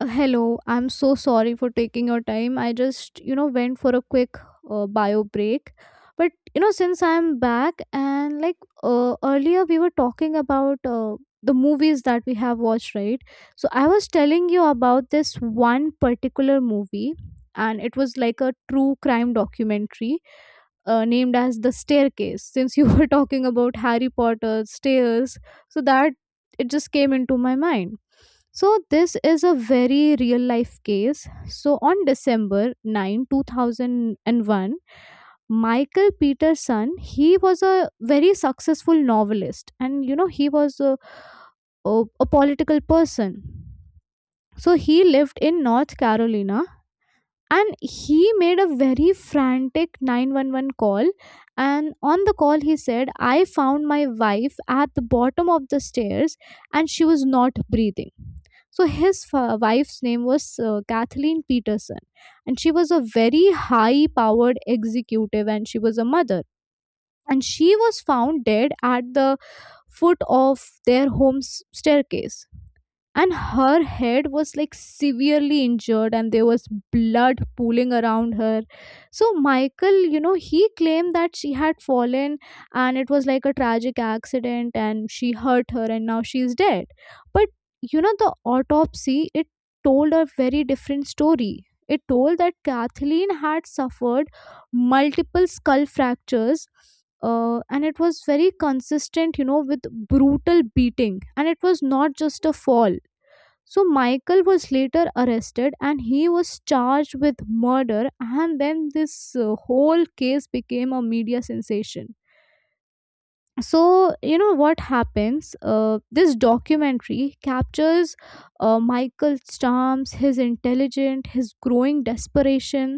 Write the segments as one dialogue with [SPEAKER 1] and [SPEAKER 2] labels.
[SPEAKER 1] Hello, I'm so sorry for taking your time. I just, you know, went for a quick bio break. Since I'm back and earlier we were talking about the movies that we have watched, right? So I was telling you about this one particular movie, and it was like a true crime documentary named as The Staircase. Since you were talking about Harry Potter stairs, so that it just came into my mind. So this is a very real life case. So on December 9 2001, Michael Peterson, he was a very successful novelist, and you know, he was a political person. So he lived in North Carolina, and he made a very frantic 911 call. And on the call he said, I found my wife at the bottom of the stairs and she was not breathing. So his wife's name was Kathleen Peterson, and she was a very high powered executive, and she was a mother. And she was found dead at the foot of their home's staircase, and her head was like severely injured and there was blood pooling around her. So Michael, you know, he claimed that she had fallen and it was like a tragic accident, and she hurt her and now she's dead. But you know, the autopsy, it told a very different story. It told that Kathleen had suffered multiple skull fractures, and it was very consistent, you know, with brutal beating, and it was not just a fall. So Michael was later arrested and he was charged with murder, and then this whole case became a media sensation. So you know what happens, this documentary captures Michael Stamps, his intelligence, his growing desperation.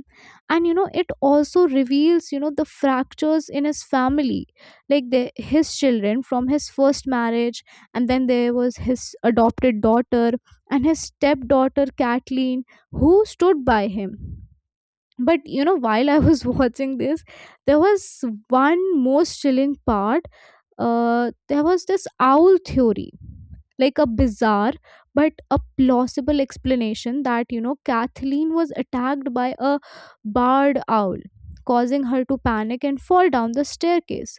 [SPEAKER 1] And you know, it also reveals, you know, the fractures in his family, like his children from his first marriage, and then there was his adopted daughter and his stepdaughter Kathleen, who stood by him. But you know, while I was watching this, there was one most chilling part. There was this owl theory, like a bizarre but a plausible explanation that, you know, Kathleen was attacked by a barred owl, causing her to panic and fall down the staircase.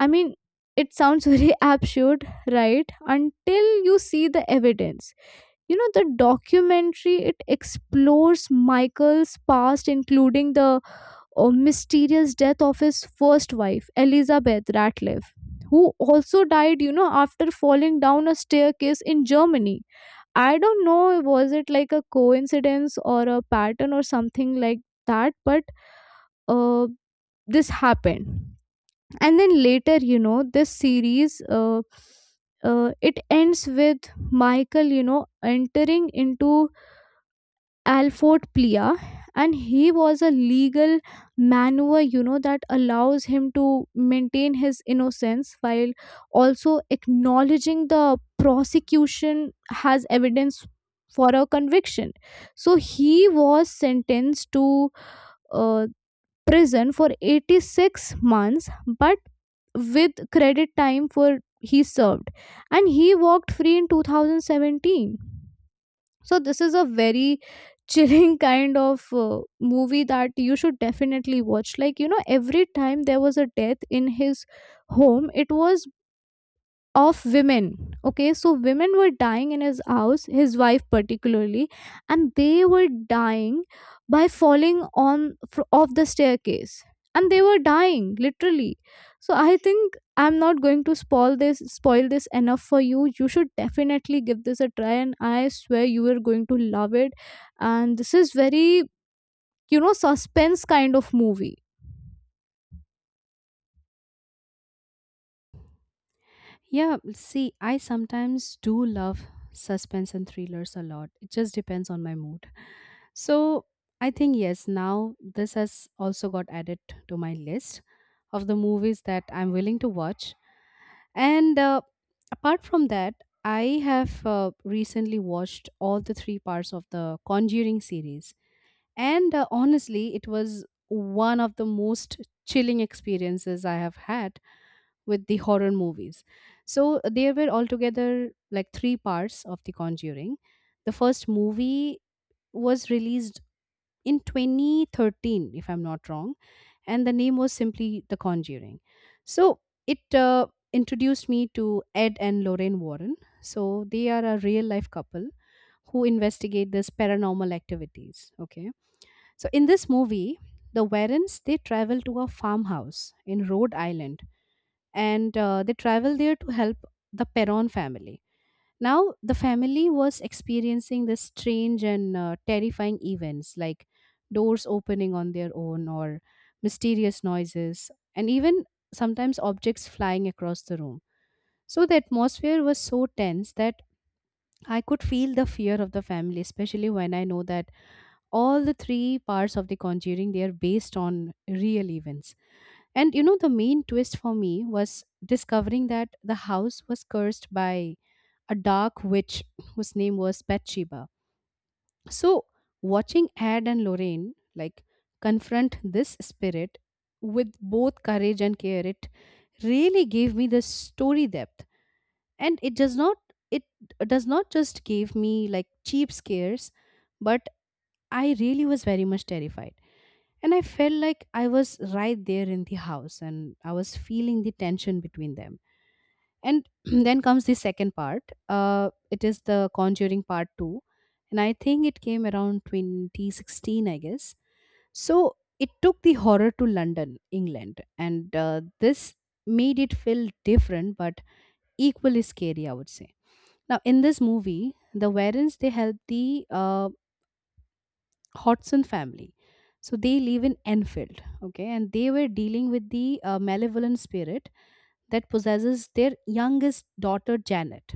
[SPEAKER 1] I mean, it sounds very absurd, right, until you see the evidence. You know, the documentary, it explores Michael's past, including the mysterious death of his first wife, Elizabeth Ratliff, who also died, you know, after falling down a staircase in Germany. I don't know, was it like a coincidence or a pattern or something like that, but uh, this happened. And then later, you know, this series. It ends with Michael, you know, entering into Alford Plea, and he was a legal maneuver, you know, that allows him to maintain his innocence while also acknowledging the prosecution has evidence for a conviction. So he was sentenced to uh, prison for 86 months, but with credit time for he served, and he walked free in 2017. So this is a very chilling kind of movie that you should definitely watch. Like you know, every time there was a death in his home, it was of women. Okay, so women were dying in his house, his wife particularly, and they were dying by falling on off the staircase, and they were dying literally. So I think I'm not going to spoil this enough for you. You should definitely give this a try, and I swear you are going to love it. And this is very, you know, suspense kind of movie.
[SPEAKER 2] Yeah, see, I sometimes do love suspense and thrillers a lot. It just depends on my mood. So, I think, yes, now this has also got added to my list of the movies that I'm willing to watch. And apart from that, I have recently watched all the three parts of the Conjuring series, and honestly it was one of the most chilling experiences I have had with the horror movies. So there were altogether like three parts of the Conjuring. The first movie was released in 2013, if I'm not wrong, and the name was simply The Conjuring. So it introduced me to Ed and Lorraine Warren. So they are a real life couple who investigate this paranormal activities, okay. So in this movie, the Warrens, they travel to a farmhouse in Rhode Island, and they travel there to help the Perron family. Now the family was experiencing this strange and terrifying events like doors opening on their own, or mysterious noises, and even sometimes objects flying across the room. So the atmosphere was so tense that I could feel the fear of the family, especially when I know that all the three parts of the Conjuring, they are based on real events. And you know, the main twist for me was discovering that the house was cursed by a dark witch whose name was Bathsheba. So watching Ed and Lorraine like confront this spirit with both courage and care, it really gave me the story depth. And it does not, it does not just give me like cheap scares, but I really was very much terrified. And I felt like I was right there in the house and I was feeling the tension between them. And then comes the second part. It is the Conjuring Part 2. And I think it came around 2016, I guess. So it took the horror to London, England. And this made it feel different but equally scary, I would say. Now, in this movie, the Warrens, they help the Hodgson family. So they live in Enfield, okay, and they were dealing with the malevolent spirit that possesses their youngest daughter, Janet.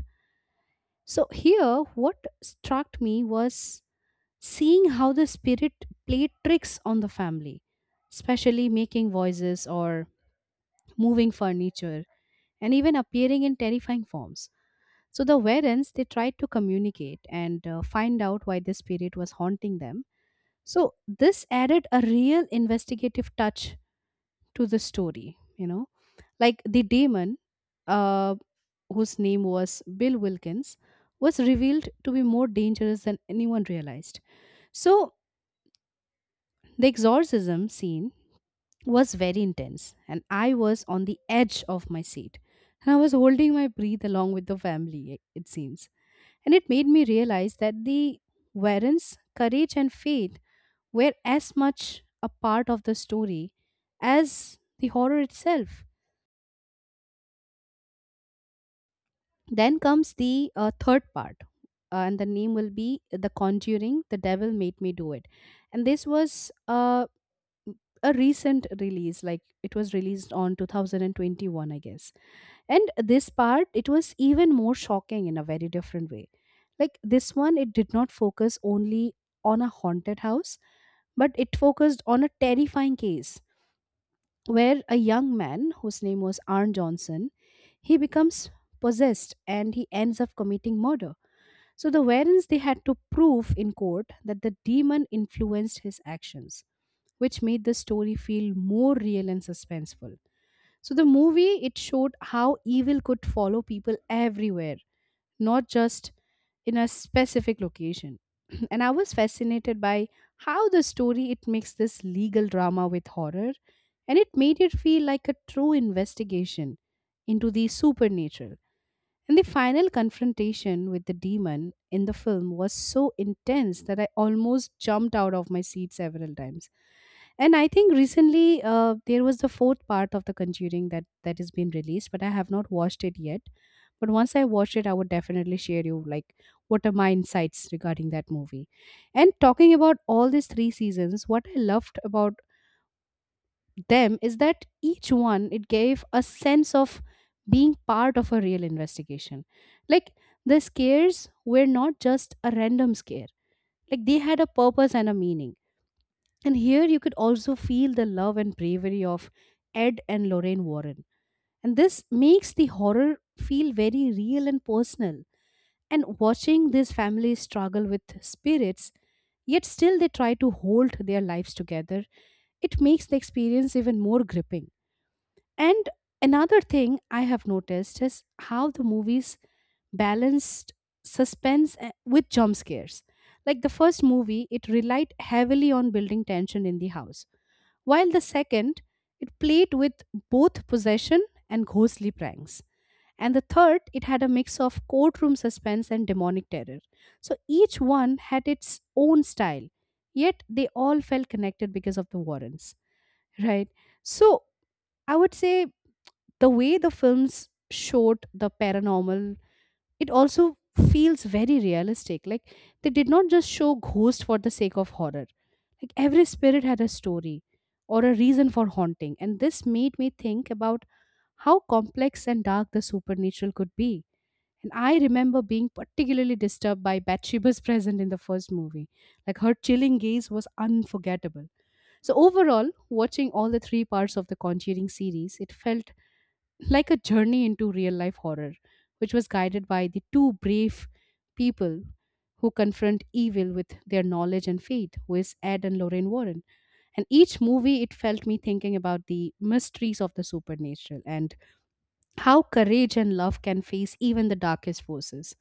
[SPEAKER 2] So here, what struck me was seeing how the spirit played tricks on the family, especially making voices or moving furniture and even appearing in terrifying forms. So the Warrens, they tried to communicate and find out why the spirit was haunting them. So this added a real investigative touch to the story, you know. Like the demon, uh, whose name was Bill Wilkins, was revealed to be more dangerous than anyone realized. So the exorcism scene was very intense, and I was on the edge of my seat. And I was holding my breath along with the family, it seems. And it made me realize that the Warren's courage and faith were as much a part of the story as the horror itself. Then comes the third part, and the name will be The Conjuring The Devil Made Me Do It. And this was a recent release, like it was released on 2021, I guess. And this part, it was even more shocking in a very different way. Like this one, it did not focus only on a haunted house, but it focused on a terrifying case where a young man whose name was Arn Johnson, he becomes possessed and he ends up committing murder. So the Warrens, they had to prove in court that the demon influenced his actions, which made the story feel more real and suspenseful. So the movie, it showed how evil could follow people everywhere, not just in a specific location. And I was fascinated by how the story, it makes this legal drama with horror, and it made it feel like a true investigation into the supernatural. And the final confrontation with the demon in the film was so intense that I almost jumped out of my seat several times. And I think recently there was the fourth part of The Conjuring that has been released, but I have not watched it yet. But once I watch it, I would definitely share you like what are my insights regarding that movie. And talking about all these three seasons, what I loved about them is that each one, it gave a sense of being part of a real investigation. Like the scares were not just a random scare; like they had a purpose and a meaning, and here you could also feel the love and bravery of Ed and Lorraine Warren. And this makes the horror feel very real and personal. And watching this family struggle with spirits, yet still they try to hold their lives together, it makes the experience even more gripping. And another thing I have noticed is how the movies balanced suspense with jump scares. Like the first movie, it relied heavily on building tension in the house, while the second, it played with both possession and ghostly pranks. And the third, it had a mix of courtroom suspense and demonic terror. So each one had its own style, yet they all felt connected because of the Warrens, right? So I would say, the way the films showed the paranormal, it also feels very realistic. Like they did not just show ghosts for the sake of horror, like every spirit had a story or a reason for haunting, and this made me think about how complex and dark the supernatural could be. And I remember being particularly disturbed by Bathsheba's presence in the first movie. Like her chilling gaze was unforgettable. So overall, watching all the three parts of the Conjuring series, it felt like a journey into real life horror, which was guided by the two brave people who confront evil with their knowledge and fate, who is Ed and Lorraine Warren. And each movie, it felt me thinking about the mysteries of the supernatural and how courage and love can face even the darkest forces.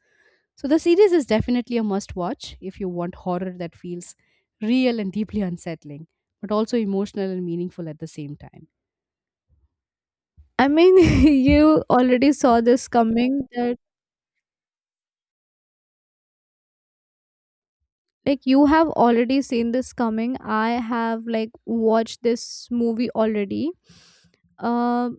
[SPEAKER 2] So, the series is definitely a must watch if you want horror that feels real and deeply unsettling, but also emotional and meaningful at the same time.
[SPEAKER 1] I mean, you already saw this coming, that like you have already seen this coming. I have like watched this movie already. um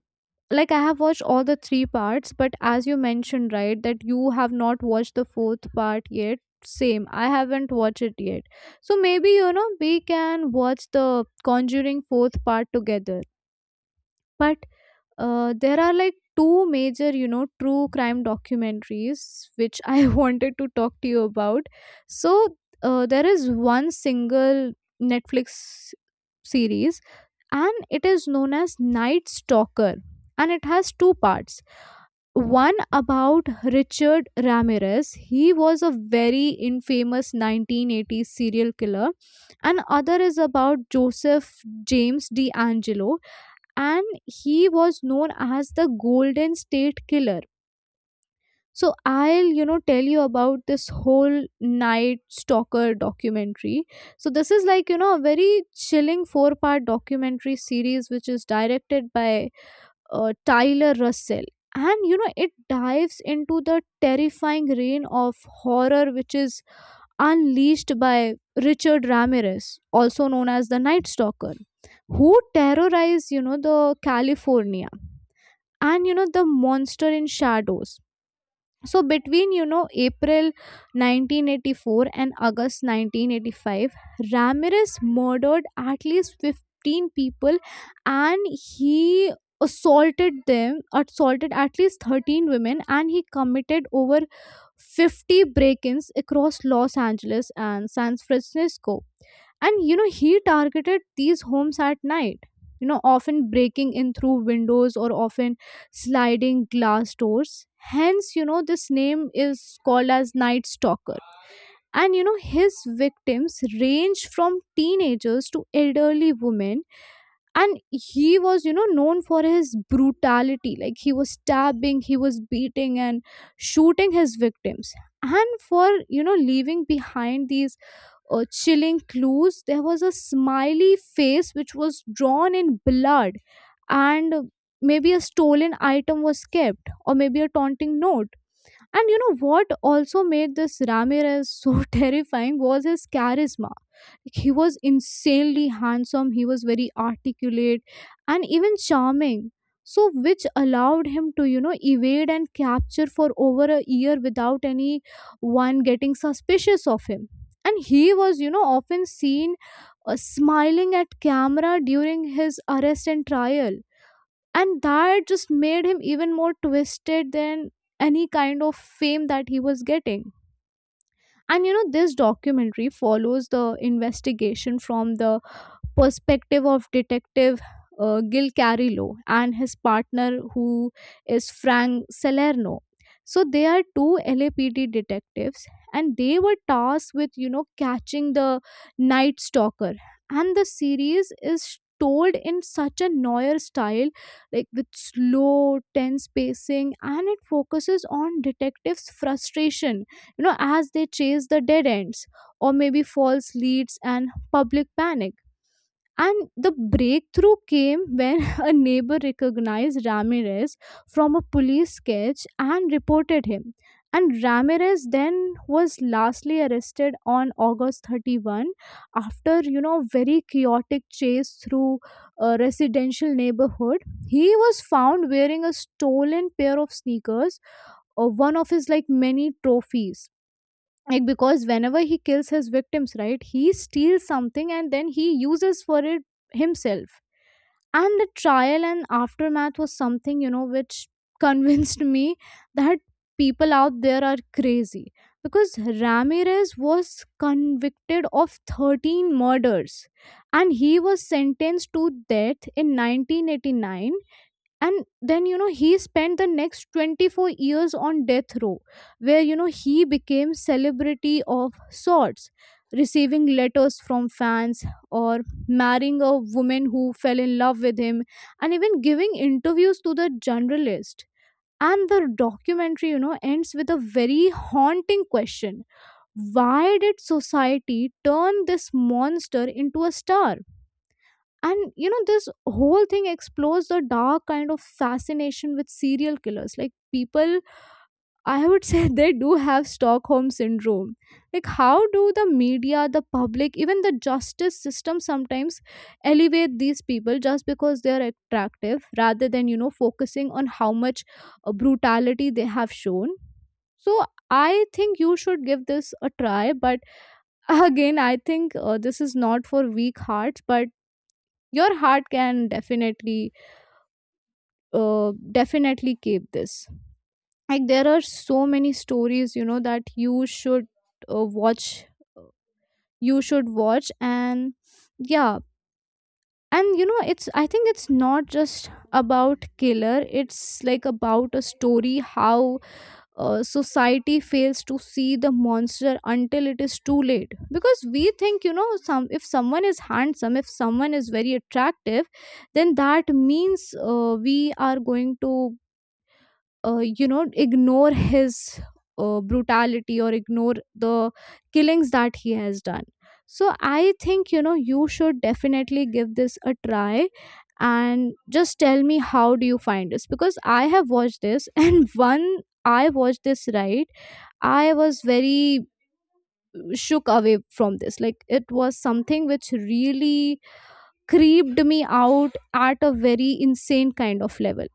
[SPEAKER 1] like, I have watched all the three parts. But as you mentioned, right, that you have not watched the fourth part yet, same, I haven't watched it yet. So maybe, you know, we can watch the Conjuring fourth part together. But there are like two major, you know, true crime documentaries which I wanted to talk to you about. So, there is one single Netflix series, and it is known as Night Stalker, and it has two parts. One about Richard Ramirez, he was a very infamous 1980s serial killer, and other is about Joseph James D'Angelo, and he was known as the Golden State Killer. So I'll, you know, tell you about this whole Night Stalker documentary. So this is like, you know, a very chilling four-part documentary series which is directed by Tyler Russell. And you know, it dives into the terrifying reign of horror which is unleashed by Richard Ramirez, also known as the Night Stalker, who terrorized, you know, the California. And you know, the monster in shadows. So between, you know, April 1984 and August 1985, Ramirez murdered at least 15 people. And he assaulted at least 13 women, and he committed over 50 break-ins across Los Angeles and San Francisco. And you know, he targeted these homes at night, you know, often breaking in through windows or often sliding glass doors. Hence, you know, this name is called as Night Stalker. And, you know, his victims range from teenagers to elderly women. And he was, you know, known for his brutality. Like, he was stabbing, he was beating, and shooting his victims. And for, you know, leaving behind these chilling clues, there was a smiley face which was drawn in blood, and maybe a stolen item was kept, or maybe a taunting note. And you know what also made this Ramirez so terrifying was his charisma. Like, he was insanely handsome, he was very articulate and even charming, so which allowed him to, you know, evade and capture for over a year without any one getting suspicious of him. And he was, you know, often seen smiling at camera during his arrest and trial. And that just made him even more twisted than any kind of fame that he was getting. And you know, this documentary follows the investigation from the perspective of Detective Gil Carillo and his partner, who is Frank Salerno. So they are two LAPD detectives, and they were tasked with, you know, catching the Night Stalker. And the series is told in such a Neuer style, like with slow, tense pacing, and it focuses on detectives' frustration, you know, as they chase the dead ends or maybe false leads and public panic. And the breakthrough came when a neighbor recognized Ramirez from a police sketch and reported him. And Ramirez then was lastly arrested on August 31 after, you know, very chaotic chase through a residential neighborhood. He was found wearing a stolen pair of sneakers, or one of his like many trophies. Like, because whenever he kills his victims, right, he steals something and then he uses for it himself. And the trial and aftermath was something, you know, which convinced me that people out there are crazy. Because Ramirez was convicted of 13 murders and he was sentenced to death in 1989. And then, you know, he spent the next 24 years on death row, where, you know, he became celebrity of sorts, receiving letters from fans, or marrying a woman who fell in love with him, and even giving interviews to the journalist. And the documentary, you know, ends with a very haunting question, why did society turn this monster into a star? And you know, this whole thing explores the dark kind of fascination with serial killers. Like, people, I would say, they do have Stockholm syndrome. Like, how do the media, the public, even the justice system sometimes elevate these people just because they are attractive, rather than, you know, focusing on how much brutality they have shown. So, I think you should give this a try, but again, I think this is not for weak hearts, but your heart can definitely definitely keep this. Like, there are so many stories, you know, that you should watch, uh, you should watch. And yeah, and you know, it's I think it's not just about killer, it's like about a story, how society fails to see the monster until it is too late. Because we think, you know, some if someone is handsome, if someone is very attractive, then that means we are going to you know, ignore his brutality or ignore the killings that he has done. So I think, you know, you should definitely give this a try. And just tell me how do you find this, because I have watched this, and one I watched this, right, I was very shook away from this. Like, it was something which really creeped me out at a very insane kind of level.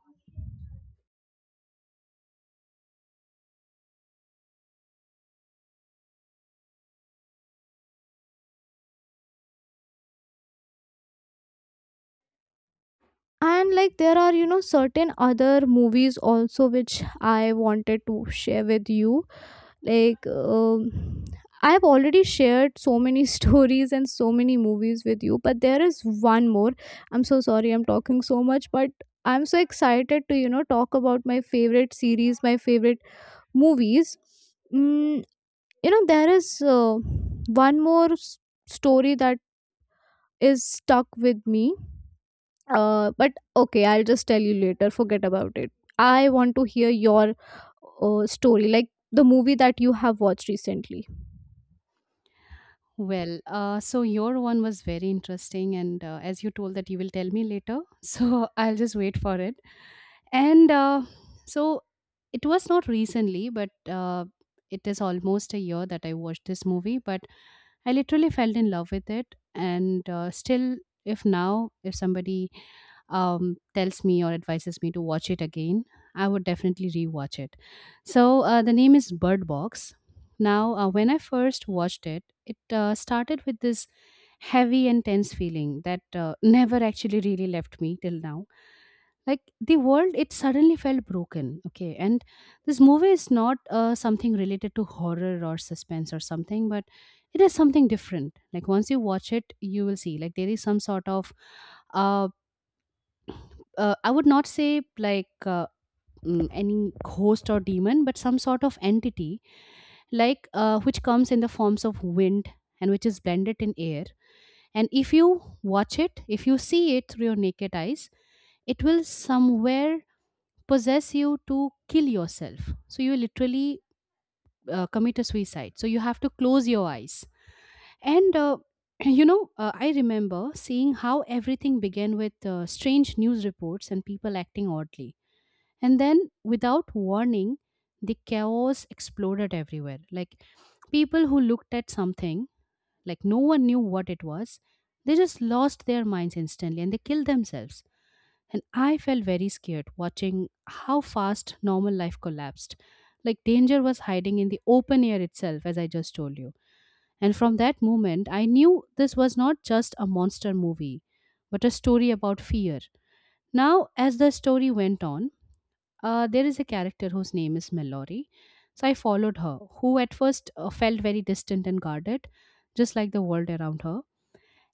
[SPEAKER 1] And like, there are, you know, certain other movies also which I wanted to share with you. Like I've already shared so many stories and so many movies with you, but there is one more. I'm so sorry I'm talking so much, but I'm so excited to, you know, talk about my favorite series, my favorite movies. mm, you know, there is one more story that is stuck with me, but okay, I'll just tell you later. Forget about it. I want to hear your story, like the movie that you have watched recently.
[SPEAKER 2] Well, so your one was very interesting, and as you told that you will tell me later, so I'll just wait for it. And so it was not recently, but it is almost a year that I watched this movie, but I literally fell in love with it. And still, if now, if somebody tells me or advises me to watch it again, I would definitely rewatch it. So the name is Bird Box. Now, when I first watched it, it started with this heavy and tense feeling that never actually really left me till now. Like the world, it suddenly felt broken. Okay, and this movie is not something related to horror or suspense or something, but it is something different. Like once you watch it, you will see like there is some sort of uh, I would not say like any ghost or demon, but some sort of entity, like which comes in the forms of wind and which is blended in air. And if you watch it, if you see it through your naked eyes, it will somewhere possess you to kill yourself. So you literally commit a suicide. So you have to close your eyes. And you know, I remember seeing how everything began with strange news reports and people acting oddly, and then, without warning, the chaos exploded everywhere. Like people who looked at something, like no one knew what it was, they just lost their minds instantly and they killed themselves. And I felt very scared watching how fast normal life collapsed. Like danger was hiding in the open air itself, as I just told you. And from that moment, I knew this was not just a monster movie, but a story about fear. Now, as the story went on, there is a character whose name is Mallory. So I followed her, who at first felt very distant and guarded, just like the world around her.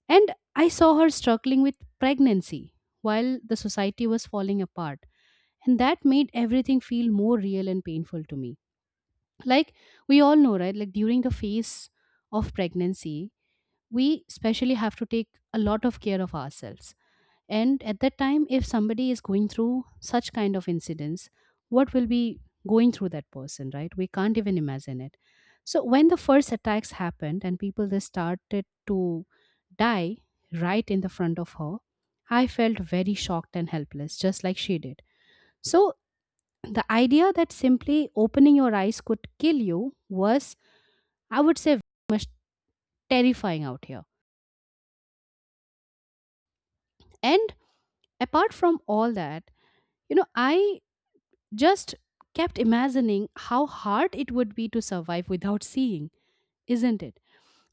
[SPEAKER 2] And I saw her struggling with pregnancy while the society was falling apart. And that made everything feel more real and painful to me. Like we all know, right? Like during the phase of pregnancy, we especially have to take a lot of care of ourselves, and at that time if somebody is going through such kind of incidents, what will be going through that person, right? We can't even imagine it. So when the first attacks happened and people they started to die right in the front of her, I felt very shocked and helpless just like she did. So the idea that simply opening your eyes could kill you was, I would say, very much terrifying out here. And apart from all that, I just kept imagining how hard it would be to survive without seeing, isn't it?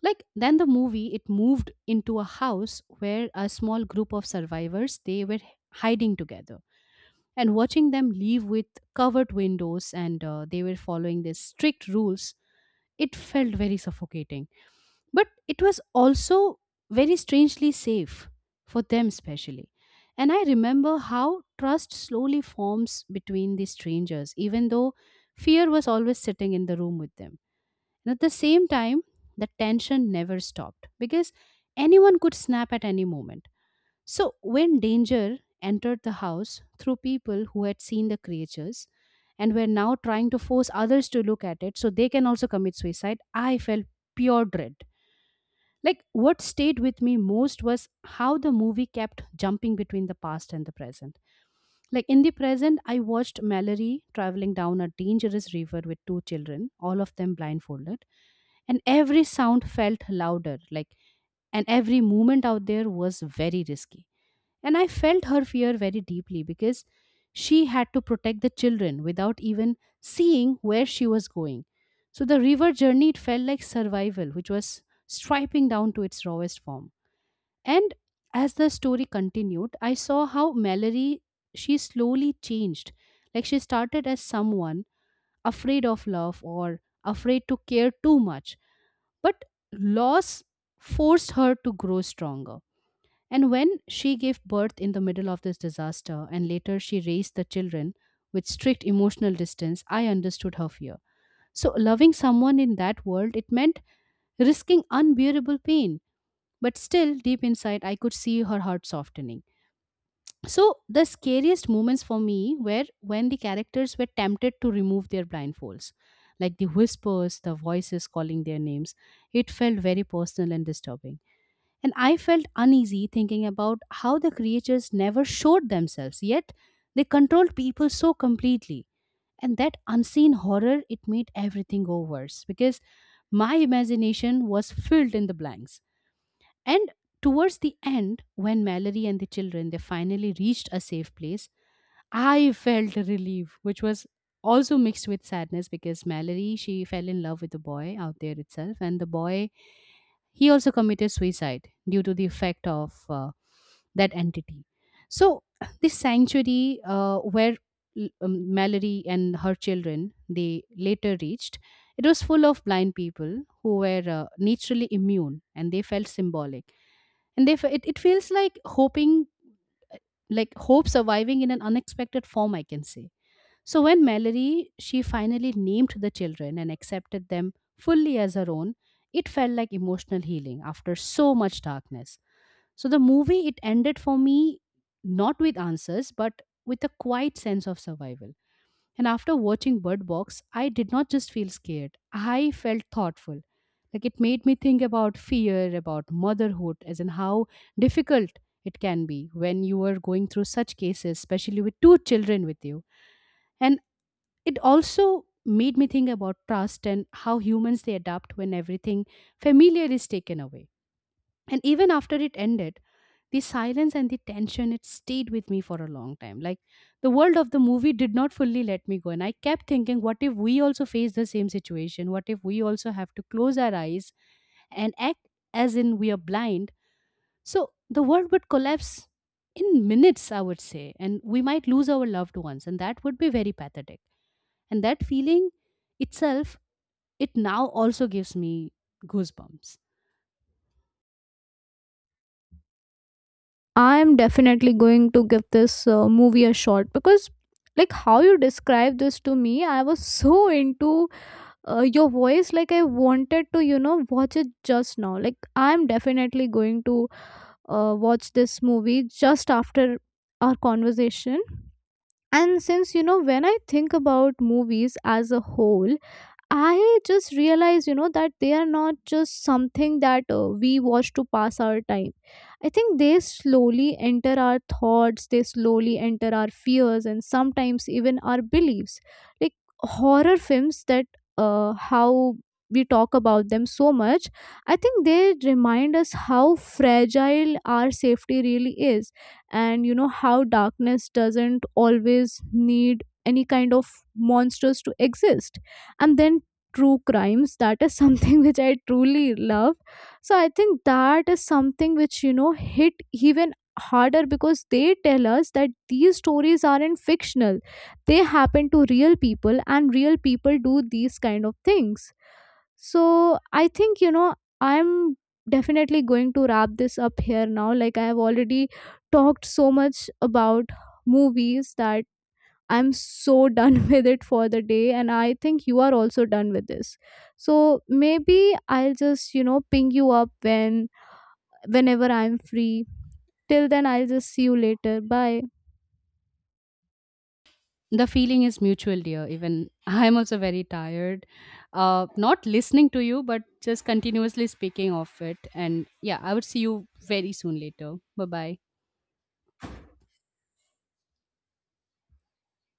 [SPEAKER 2] Like then the movie it moved into a house where a small group of survivors they were hiding together, and watching them leave with covered windows and they were following these strict rules, it felt very suffocating, but it was also very strangely safe for them, especially. And I remember how trust slowly forms between these strangers, even though fear was always sitting in the room with them. And at the same time, the tension never stopped because anyone could snap at any moment. So when danger entered the house through people who had seen the creatures and were now trying to force others to look at it so they can also commit suicide, I felt pure dread. Like, what stayed with me most was how the movie kept jumping between the past and the present. Like, in the present, I watched Mallory traveling down a dangerous river with two children, all of them blindfolded, and every sound felt louder, like, and every movement out there was very risky. And I felt her fear very deeply because she had to protect the children without even seeing where she was going. So, the river journey, it felt like survival, which was striping down to its rawest form. And as the story continued, I saw how Mallory she slowly changed. Like she started as someone afraid of love or afraid to care too much. But loss forced her to grow stronger. And when she gave birth in the middle of this disaster and later she raised the children with strict emotional distance, I understood her fear. So loving someone in that world it meant risking unbearable pain. But still, deep inside, I could see her heart softening. So the scariest moments for me were when the characters were tempted to remove their blindfolds, like the whispers, the voices calling their names. It felt very personal and disturbing. And I felt uneasy thinking about how the creatures never showed themselves, yet they controlled people so completely. And that unseen horror, it made everything go worse because my imagination was filled in the blanks. And towards the end, when Mallory and the children they finally reached a safe place, I felt relief, which was also mixed with sadness because Mallory she fell in love with the boy out there itself, and the boy he also committed suicide due to the effect of that entity. So this sanctuary where Mallory and her children they later reached, it was full of blind people who were naturally immune, and they felt symbolic, and they it feels like hoping, like hope surviving in an unexpected form, I can say. So when Mallory she finally named the children and accepted them fully as her own, it felt like emotional healing after so much darkness. So the movie it ended for me not with answers but with a quiet sense of survival. And after watching Bird Box, I did not just feel scared, I felt thoughtful. Like it made me think about fear, about motherhood, as in how difficult it can be when you are going through such cases, especially with two children with you. And it also made me think about trust and how humans they adapt when everything familiar is taken away. And even after it ended, the silence and the tension, it stayed with me for a long time. Like the world of the movie did not fully let me go. And I kept thinking, what if we also face the same situation? What if we also have to close our eyes and act as in we are blind? So the world would collapse in minutes, I would say. And we might lose our loved ones. And that would be very pathetic. And that feeling itself, it now also gives me goosebumps.
[SPEAKER 1] I am definitely going to give this movie a shot. Because, like, how you described this to me, I was so into your voice. Like, I wanted to, you know, watch it just now. Like, I'm definitely going to watch this movie just after our conversation. And since, you know, when I think about movies as a whole, I just realized, you know, that they are not just something that we watch to pass our time. I think they slowly enter our thoughts, they slowly enter our fears, and sometimes even our beliefs. Like horror films, that how we talk about them so much, I think they remind us how fragile our safety really is, and you know, how darkness doesn't always need any kind of monsters to exist. And then true crimes, that is something which I truly love. So I think that is something which, you know, hit even harder, because they tell us that these stories aren't fictional, they happen to real people, and real people do these kind of things. So I think, you know, I'm definitely going to wrap this up here now. Like, I have already talked so much about movies, that I'm so done with it for the day, and I think you are also done with this. So maybe I'll just, you know, ping you up when whenever I'm free. Till then, I'll just see you later. Bye.
[SPEAKER 2] The feeling is mutual, dear. Even I'm also very tired, not listening to you but just continuously speaking of it. And yeah, I would see you very soon later. Bye bye.